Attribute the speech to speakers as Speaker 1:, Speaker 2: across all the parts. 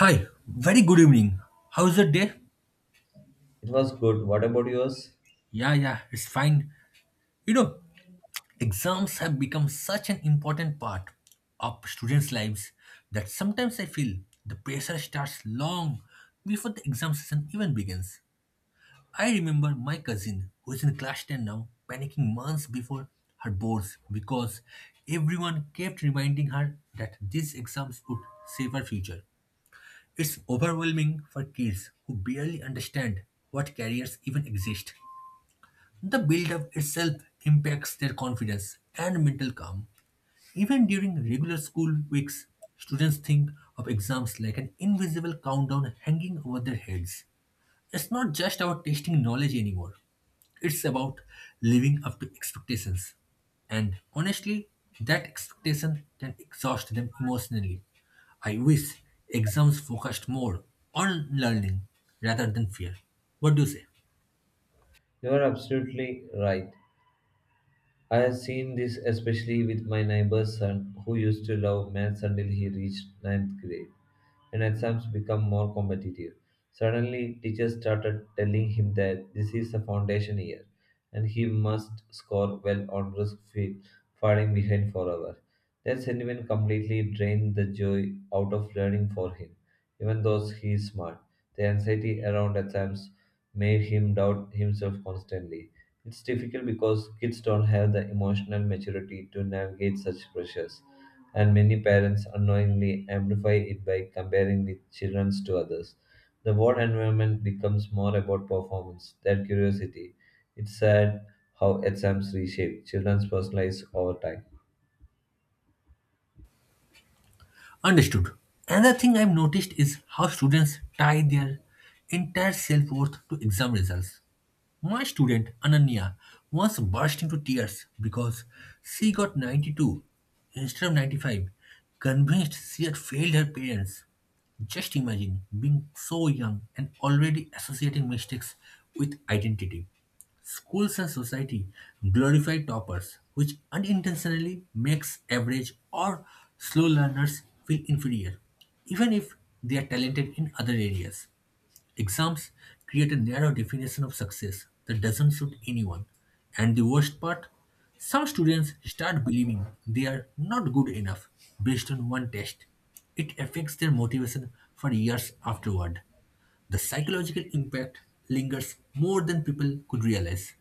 Speaker 1: Hi, very good evening. How's your day?
Speaker 2: It was good. What about yours?
Speaker 1: Yeah, yeah, it's fine. You know, Exams have become such an important part of students' lives that sometimes I feel the pressure starts long before the exam season even begins. I remember my cousin, who is in class 10 now, panicking months before her boards because everyone kept reminding her that these exams would save her future. It's overwhelming for kids who barely understand what careers even exist. The build-up itself impacts their confidence and mental calm. Even during regular school weeks, students think of exams like an invisible countdown hanging over their heads. It's not just about testing knowledge anymore. It's about living up to expectations. And honestly, that expectation can exhaust them emotionally. I wish exams focused more on learning rather than fear. What do you say?
Speaker 2: You are absolutely right. I have seen this especially with my neighbor's son who used to love maths until he reached ninth grade and exams become more competitive. Suddenly, teachers started telling him that this is a foundation year and he must score well or risk falling behind forever. That sentiment completely drained the joy out of learning for him. Even though he is smart, the anxiety around exams made him doubt himself constantly. It's difficult because kids don't have the emotional maturity to navigate such pressures, and many parents unknowingly amplify it by comparing the children to others. The work environment becomes more about performance than curiosity. It's sad how exams reshape children's personal lives over time.
Speaker 1: Understood. Another thing I've noticed is how students tie their entire self worth to exam results. My student, Ananya, once burst into tears because she got 92 instead of 95, convinced she had failed her parents. Just imagine being so young and already associating mistakes with identity. Schools and society glorify toppers, which unintentionally makes average or slow learners feel inferior, even if they are talented in other areas. Exams create a narrow definition of success that doesn't suit anyone. And the worst part, some students start believing they are not good enough based on one test. It affects their motivation for years afterward. The psychological impact lingers more than people could realize.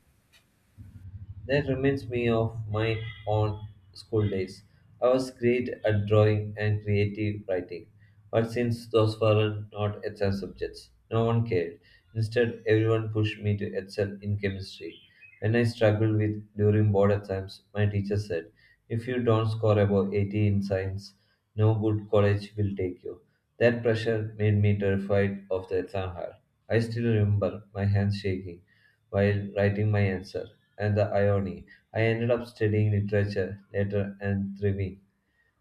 Speaker 2: That reminds me of my own school days. I was great at drawing and creative writing, but since those were not exam subjects, no one cared. Instead, everyone pushed me to excel in chemistry. When I struggled with during board exams, my teacher said, "If you don't score above 80 in science, no good college will take you." That pressure made me terrified of the exam hall. I still remember my hands shaking while writing my answer. And the irony, I ended up studying literature later and thriving.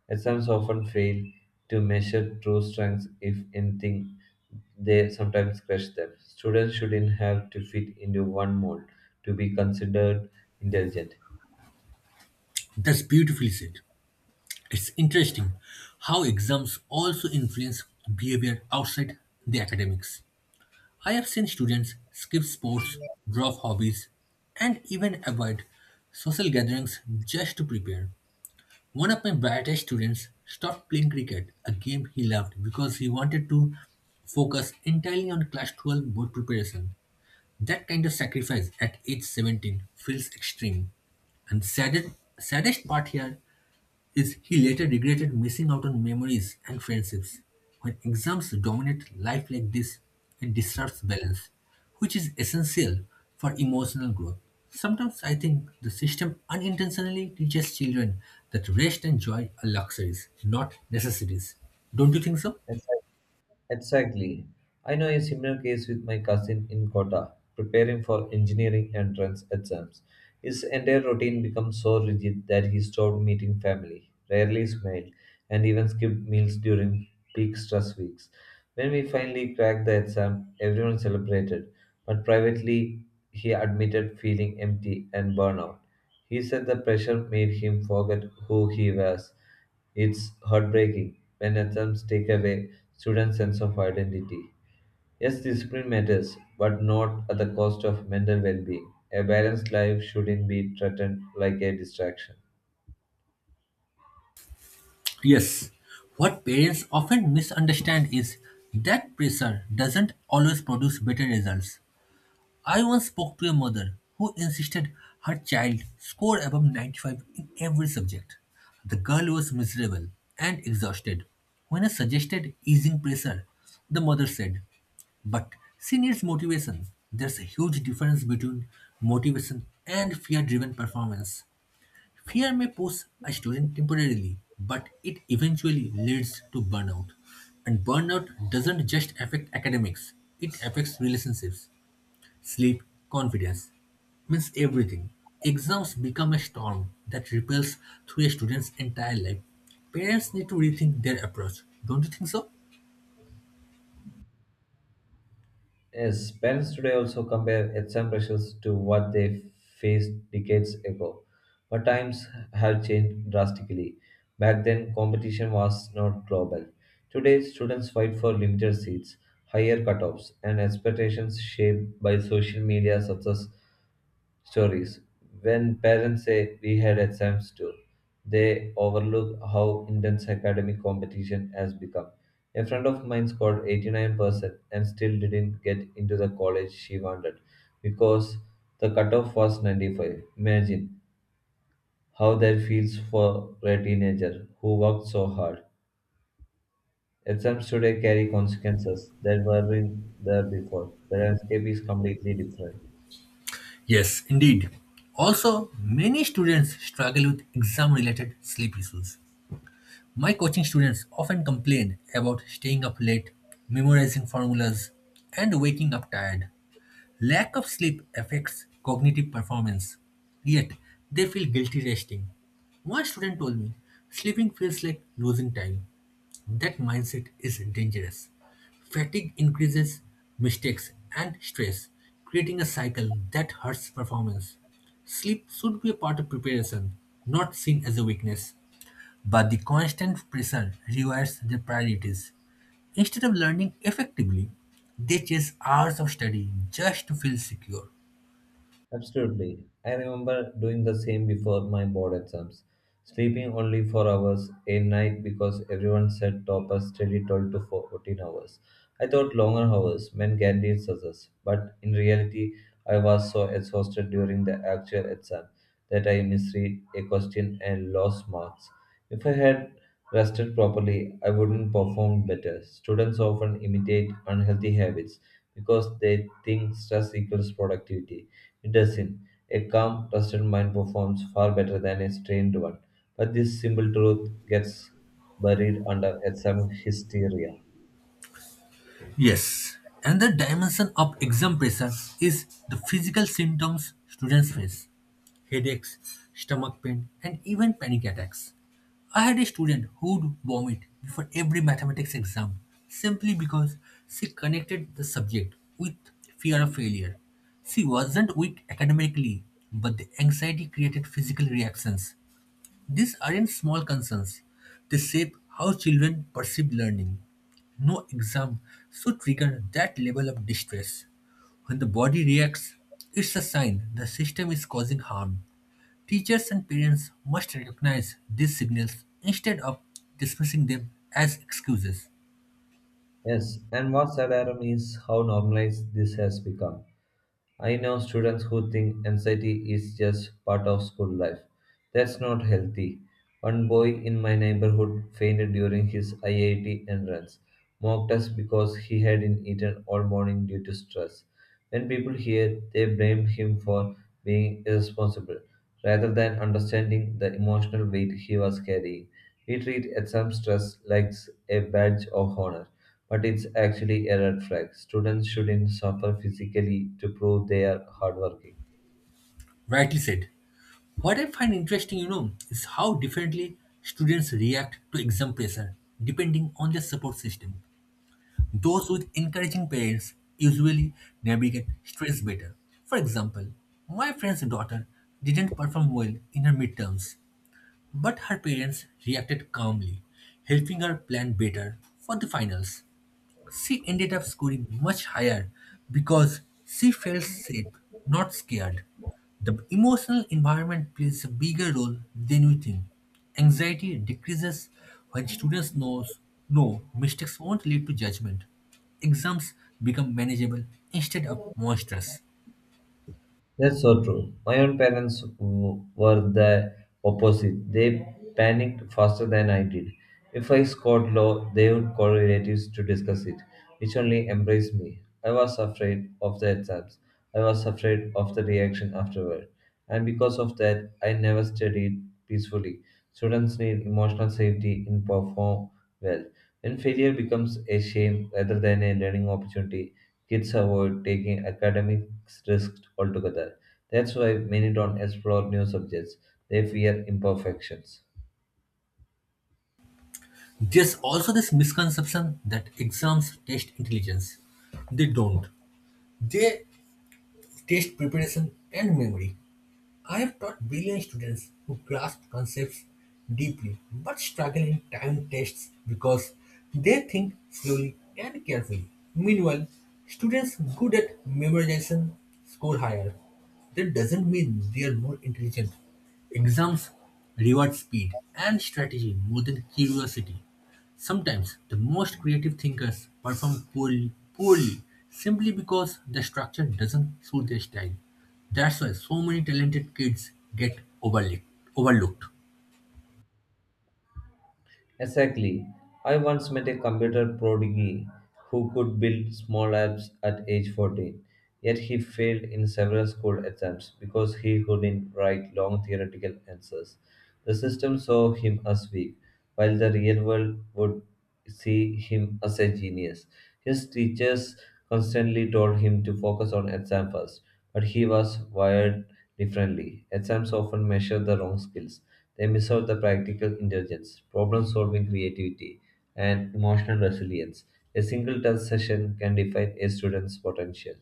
Speaker 2: Exams often fail to measure true strengths. If anything, they sometimes crush them. Students shouldn't have to fit into one mold to be considered intelligent.
Speaker 1: That's beautifully said. It's interesting how exams also influence behavior outside the academics. I have seen students skip sports, drop hobbies, and even avoid social gatherings just to prepare. One of my brightest students stopped playing cricket, a game he loved, because he wanted to focus entirely on class 12 board preparation. That kind of sacrifice at age 17 feels extreme. And saddest part here is he later regretted missing out on memories and friendships. When exams dominate life like this, it disrupts balance, which is essential for emotional growth. Sometimes I think the system unintentionally teaches children that rest and joy are luxuries, not necessities. Don't you think so?
Speaker 2: Yes, exactly. I know a similar case with my cousin in Kota, preparing for engineering entrance exams. His entire routine became so rigid that he stopped meeting family, rarely smiled, and even skipped meals during peak stress weeks. When we finally cracked the exam, everyone celebrated, but privately he admitted feeling empty and burnout. He said the pressure made him forget who he was. It's heartbreaking when attempts take away students' sense of identity. Yes, discipline matters, but not at the cost of mental well being. A balanced life shouldn't be threatened like a distraction.
Speaker 1: Yes. What parents often misunderstand is that pressure doesn't always produce better results. I once spoke to a mother who insisted her child score above 95 in every subject. The girl was miserable and exhausted. When I suggested easing pressure, the mother said, but she needs motivation. There's a huge difference between motivation and fear driven performance. Fear may push a student temporarily, but it eventually leads to burnout. And burnout doesn't just affect academics, it affects relationships. Sleep, confidence, means everything. Exams become a storm that ripples through a student's entire life. Parents need to rethink their approach, don't you think so?
Speaker 2: Yes, parents today also compare exam pressures to what they faced decades ago. But times have changed drastically. Back then, competition was not global. Today, students fight for limited seats, higher cutoffs, and expectations shaped by social media success stories. When parents say we had exams too, they overlook how intense academic competition has become. A friend of mine scored 89% and still didn't get into the college she wanted because the cutoff was 95. Imagine how that feels for a teenager who worked so hard. Exams today carry consequences that weren't there before. The landscape is completely different.
Speaker 1: Yes, indeed. Also, many students struggle with exam related sleep issues. My coaching students often complain about staying up late, memorizing formulas, and waking up tired. Lack of sleep affects cognitive performance, yet they feel guilty resting. One student told me, sleeping feels like losing time. That mindset is dangerous. Fatigue increases mistakes and stress, creating a cycle that hurts performance. Sleep should be a part of preparation, not seen as a weakness. But the constant pressure rewires their priorities. Instead of learning effectively, they chase hours of study just to feel secure.
Speaker 2: Absolutely. I remember doing the same before my board exams, sleeping only 4 hours a night because everyone said toppers study 12 to 14 hours. I thought longer hours meant guaranteed success, but in reality, I was so exhausted during the actual exam that I misread a question and lost marks. If I had rested properly, I wouldn't perform better. Students often imitate unhealthy habits because they think stress equals productivity. It doesn't. A calm, trusted mind performs far better than a strained one. But this simple truth gets buried under some hysteria.
Speaker 1: Yes, and the dimension of exam pressure is the physical symptoms students face headaches, stomach pain, and even panic attacks. I had a student who would vomit before every mathematics exam simply because she connected the subject with fear of failure. She wasn't weak academically, but the anxiety created physical reactions these aren't small concerns, they shape how children perceive learning. No exam should trigger that level of distress. When the body reacts, it's a sign the system is causing harm. Teachers and parents must recognize these signals instead of dismissing them as excuses.
Speaker 2: Yes, and what's alarming is how normalized this has become. I know students who think anxiety is just part of school life. That's not healthy. One boy in my neighborhood fainted during his IIT entrance, mocked us because he hadn't eaten all morning due to stress. When people hear, they blame him for being irresponsible rather than understanding the emotional weight he was carrying. We treat exam stress like a badge of honor, but it's actually a red flag. Students shouldn't suffer physically to prove they are hardworking.
Speaker 1: Rightly said. What I find interesting, is how differently students react to exam pressure depending on their support system. Those with encouraging parents usually navigate stress better. For example, my friend's daughter didn't perform well in her midterms, but her parents reacted calmly, helping her plan better for the finals. She ended up scoring much higher because she felt safe, not scared. The emotional environment plays a bigger role than we think. Anxiety decreases when students knows no mistakes won't lead to judgment. Exams become manageable instead of monstrous.
Speaker 2: That's so true. My own parents were the opposite. They panicked faster than I did. If I scored low, they would call relatives to discuss it, which only embraced me. I was afraid of the exams. I was afraid of the reaction afterward. And because of that, I never studied peacefully. Students need emotional safety in perform well. When failure becomes a shame rather than a learning opportunity, kids avoid taking academic risks altogether. That's why many don't explore new subjects. They fear imperfections.
Speaker 1: There's also this misconception that exams test intelligence. They don't. They test preparation and memory. I have taught brilliant students who grasp concepts deeply but struggle in timed tests because they think slowly and carefully. Meanwhile, students good at memorization score higher. That doesn't mean they are more intelligent. Exams reward speed and strategy more than curiosity. Sometimes the most creative thinkers perform poorly simply because the structure doesn't suit their style. That's why so many talented kids get overlooked.
Speaker 2: Exactly. I once met a computer prodigy who could build small apps at age 14, yet he failed in several school exams because he couldn't write long theoretical answers. The system saw him as weak while the real world would see him as a genius. His teachers constantly told him to focus on exams first, but he was wired differently. Exams often measure the wrong skills. They miss out the practical intelligence, problem solving creativity, and emotional resilience. A single test session can define a student's potential.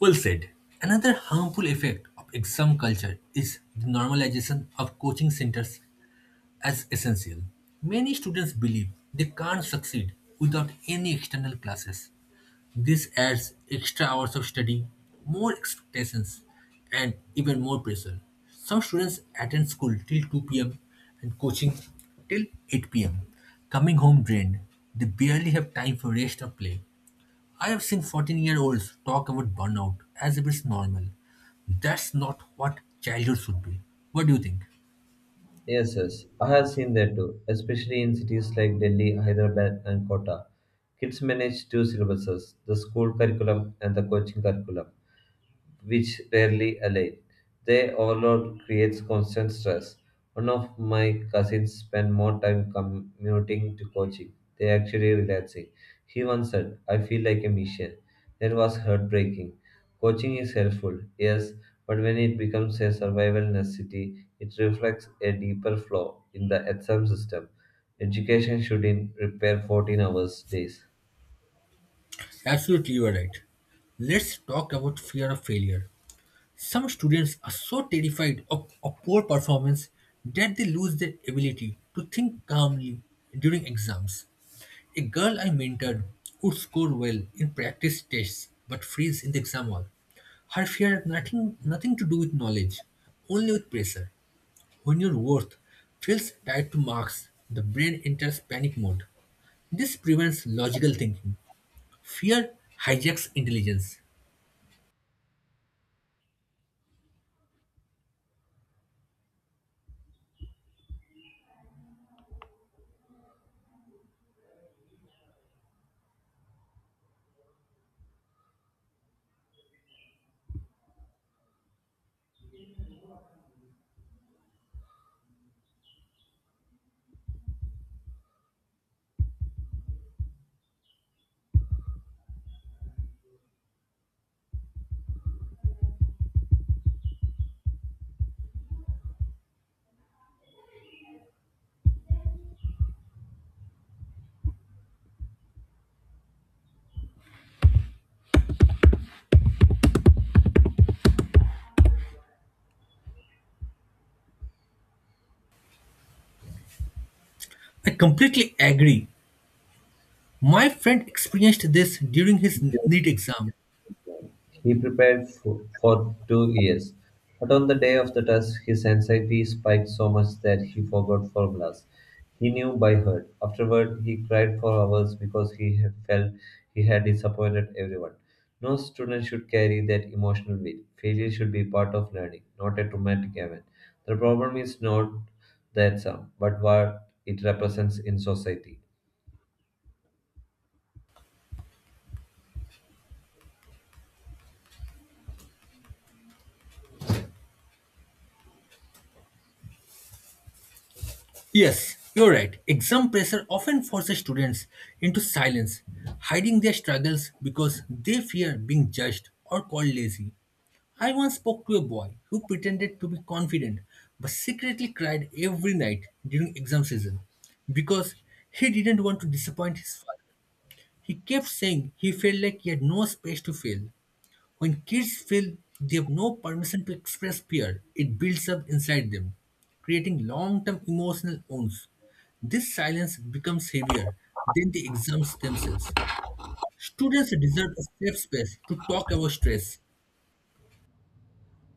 Speaker 1: Well said. Another harmful effect of exam culture is the normalization of coaching centers as essential. Many students believe they can't succeed without any external classes. This adds extra hours of study, more expectations, and even more pressure. Some students attend school till 2 p.m. and coaching till 8 p.m., coming home drained. They barely have time for rest or play. I have seen 14-year-olds talk about burnout as if it's normal. That's not what childhood should be. What do you think?
Speaker 2: Yes, I have seen that too, especially in cities like Delhi, Hyderabad, and Kota. Kids manage two syllabuses, the school curriculum and the coaching curriculum, which rarely align. Their overload creates constant stress. One of my cousins spent more time commuting to coaching. They actually relaxing. He once said, I feel like a machine. That was heartbreaking. Coaching is helpful, yes, but when it becomes a survival necessity, it reflects a deeper flaw in the exam system. Education should in repair 14 hours days.
Speaker 1: Absolutely, you are right. Let's talk about fear of failure. Some students are so terrified of a poor performance that they lose their ability to think calmly during exams. A girl I mentored would score well in practice tests but freeze in the exam hall. Her fear had nothing to do with knowledge, only with pressure. When your worth feels tied to marks, the brain enters panic mode. This prevents logical thinking. Fear hijacks intelligence. I completely agree. My friend experienced this during his NEET exam.
Speaker 2: He prepared for 2 years, but on the day of the test, his anxiety spiked so much that he forgot formulas he knew by heart. Afterward, he cried for hours because he had felt he had disappointed everyone. No student should carry that emotional weight. Failure should be part of learning, not a traumatic event. The problem is not that sum, but what it represents in society.
Speaker 1: Yes, you're right. Exam pressure often forces students into silence, hiding their struggles because they fear being judged or called lazy. I once spoke to a boy who pretended to be confident but secretly cried every night during exam season because he didn't want to disappoint his father. He kept saying he felt like he had no space to fail. When kids feel they have no permission to express fear, it builds up inside them, creating long term emotional wounds. This silence becomes heavier than the exams themselves. Students deserve a safe space to talk about stress.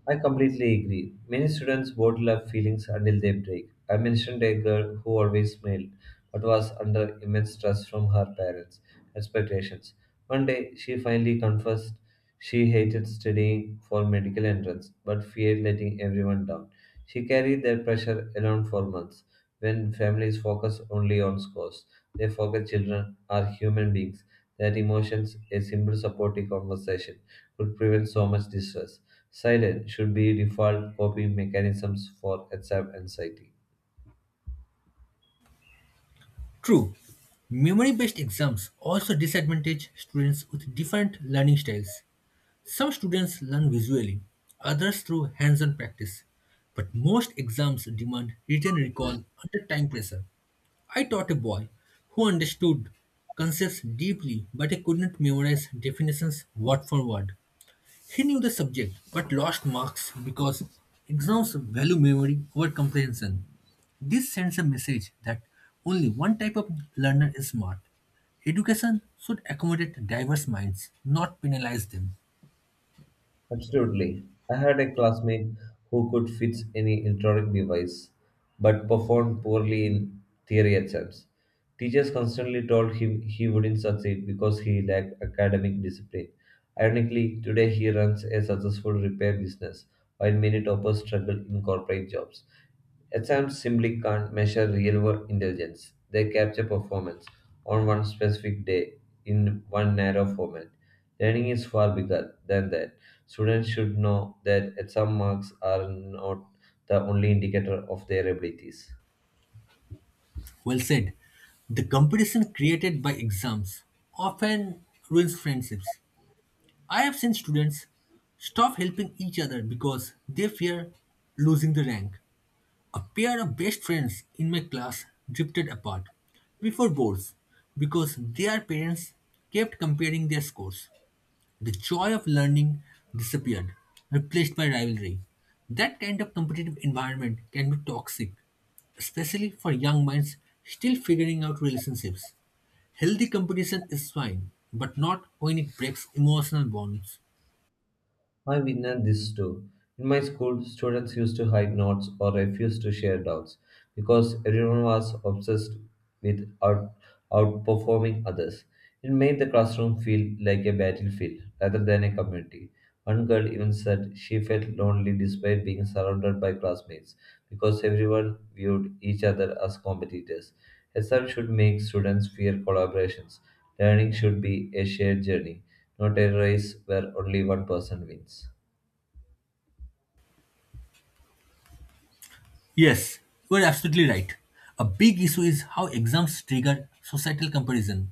Speaker 2: I completely agree. Many students bottle up feelings until they break. I mentioned a girl who always smiled, but was under immense stress from her parents' expectations. One day, she finally confessed she hated studying for medical entrance, but feared letting everyone down. She carried that pressure alone for months. When families focus only on scores, they forget children are human beings. That emotions, a simple supportive conversation, could prevent so much distress. Silence should be default coping mechanisms for exam anxiety.
Speaker 1: True, memory based exams also disadvantage students with different learning styles. Some students learn visually, others through hands on practice, but most exams demand written recall under time pressure. I taught a boy who understood concepts deeply, but he couldn't memorize definitions word for word. He knew the subject, but lost marks because exams value memory over comprehension. This sends a message that only one type of learner is smart. Education should accommodate diverse minds, not penalize them.
Speaker 2: Absolutely. I had a classmate who could fix any electronic device but performed poorly in theory exams. Teachers constantly told him he wouldn't succeed because he lacked academic discipline. Ironically, today he runs a successful repair business while many toppers struggle in corporate jobs. Exams simply can't measure real world intelligence. They capture performance on one specific day in one narrow format. Learning is far bigger than that. Students should know that exam marks are not the only indicator of their abilities.
Speaker 1: Well said. The competition created by exams often ruins friendships. I have seen students stop helping each other because they fear losing the rank. A pair of best friends in my class drifted apart before boards because their parents kept comparing their scores. The joy of learning disappeared, replaced by rivalry. That kind of competitive environment can be toxic, especially for young minds still figuring out relationships. Healthy competition is fine, but not when it breaks emotional bonds.
Speaker 2: I witnessed this too. In my school, students used to hide notes or refuse to share doubts because everyone was obsessed with outperforming others. It made the classroom feel like a battlefield rather than a community. One girl even said she felt lonely despite being surrounded by classmates because everyone viewed each other as competitors. Exams should make students fear collaborations. Learning should be a shared journey, not a race where only one person wins.
Speaker 1: Yes, you are absolutely right. A big issue is how exams trigger societal comparison.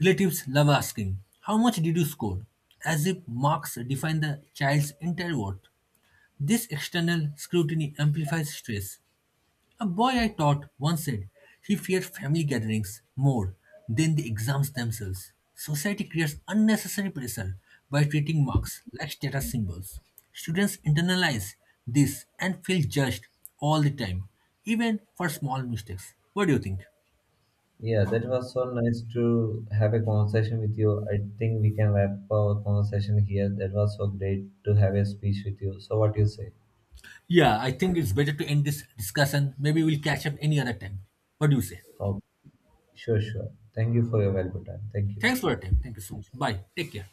Speaker 1: Relatives love asking, how much did you score? As if marks define the child's entire worth. This external scrutiny amplifies stress, a boy I taught once said he feared family gatherings more than the exams themselves. Society creates unnecessary pressure by treating marks like status symbols. Students internalize this and feel judged all the time, even for small mistakes. What do you think?
Speaker 2: Yeah, that was so nice to have a conversation with you. I think we can wrap our conversation here. That was so great to have a speech with you. So, what do you say?
Speaker 1: Yeah, I think it's better to end this discussion. Maybe we'll catch up any other time. What do you say?
Speaker 2: Oh, sure. Thank you for your valuable time. Thank you.
Speaker 1: Thanks for your time. Thank you so much. Bye. Take care.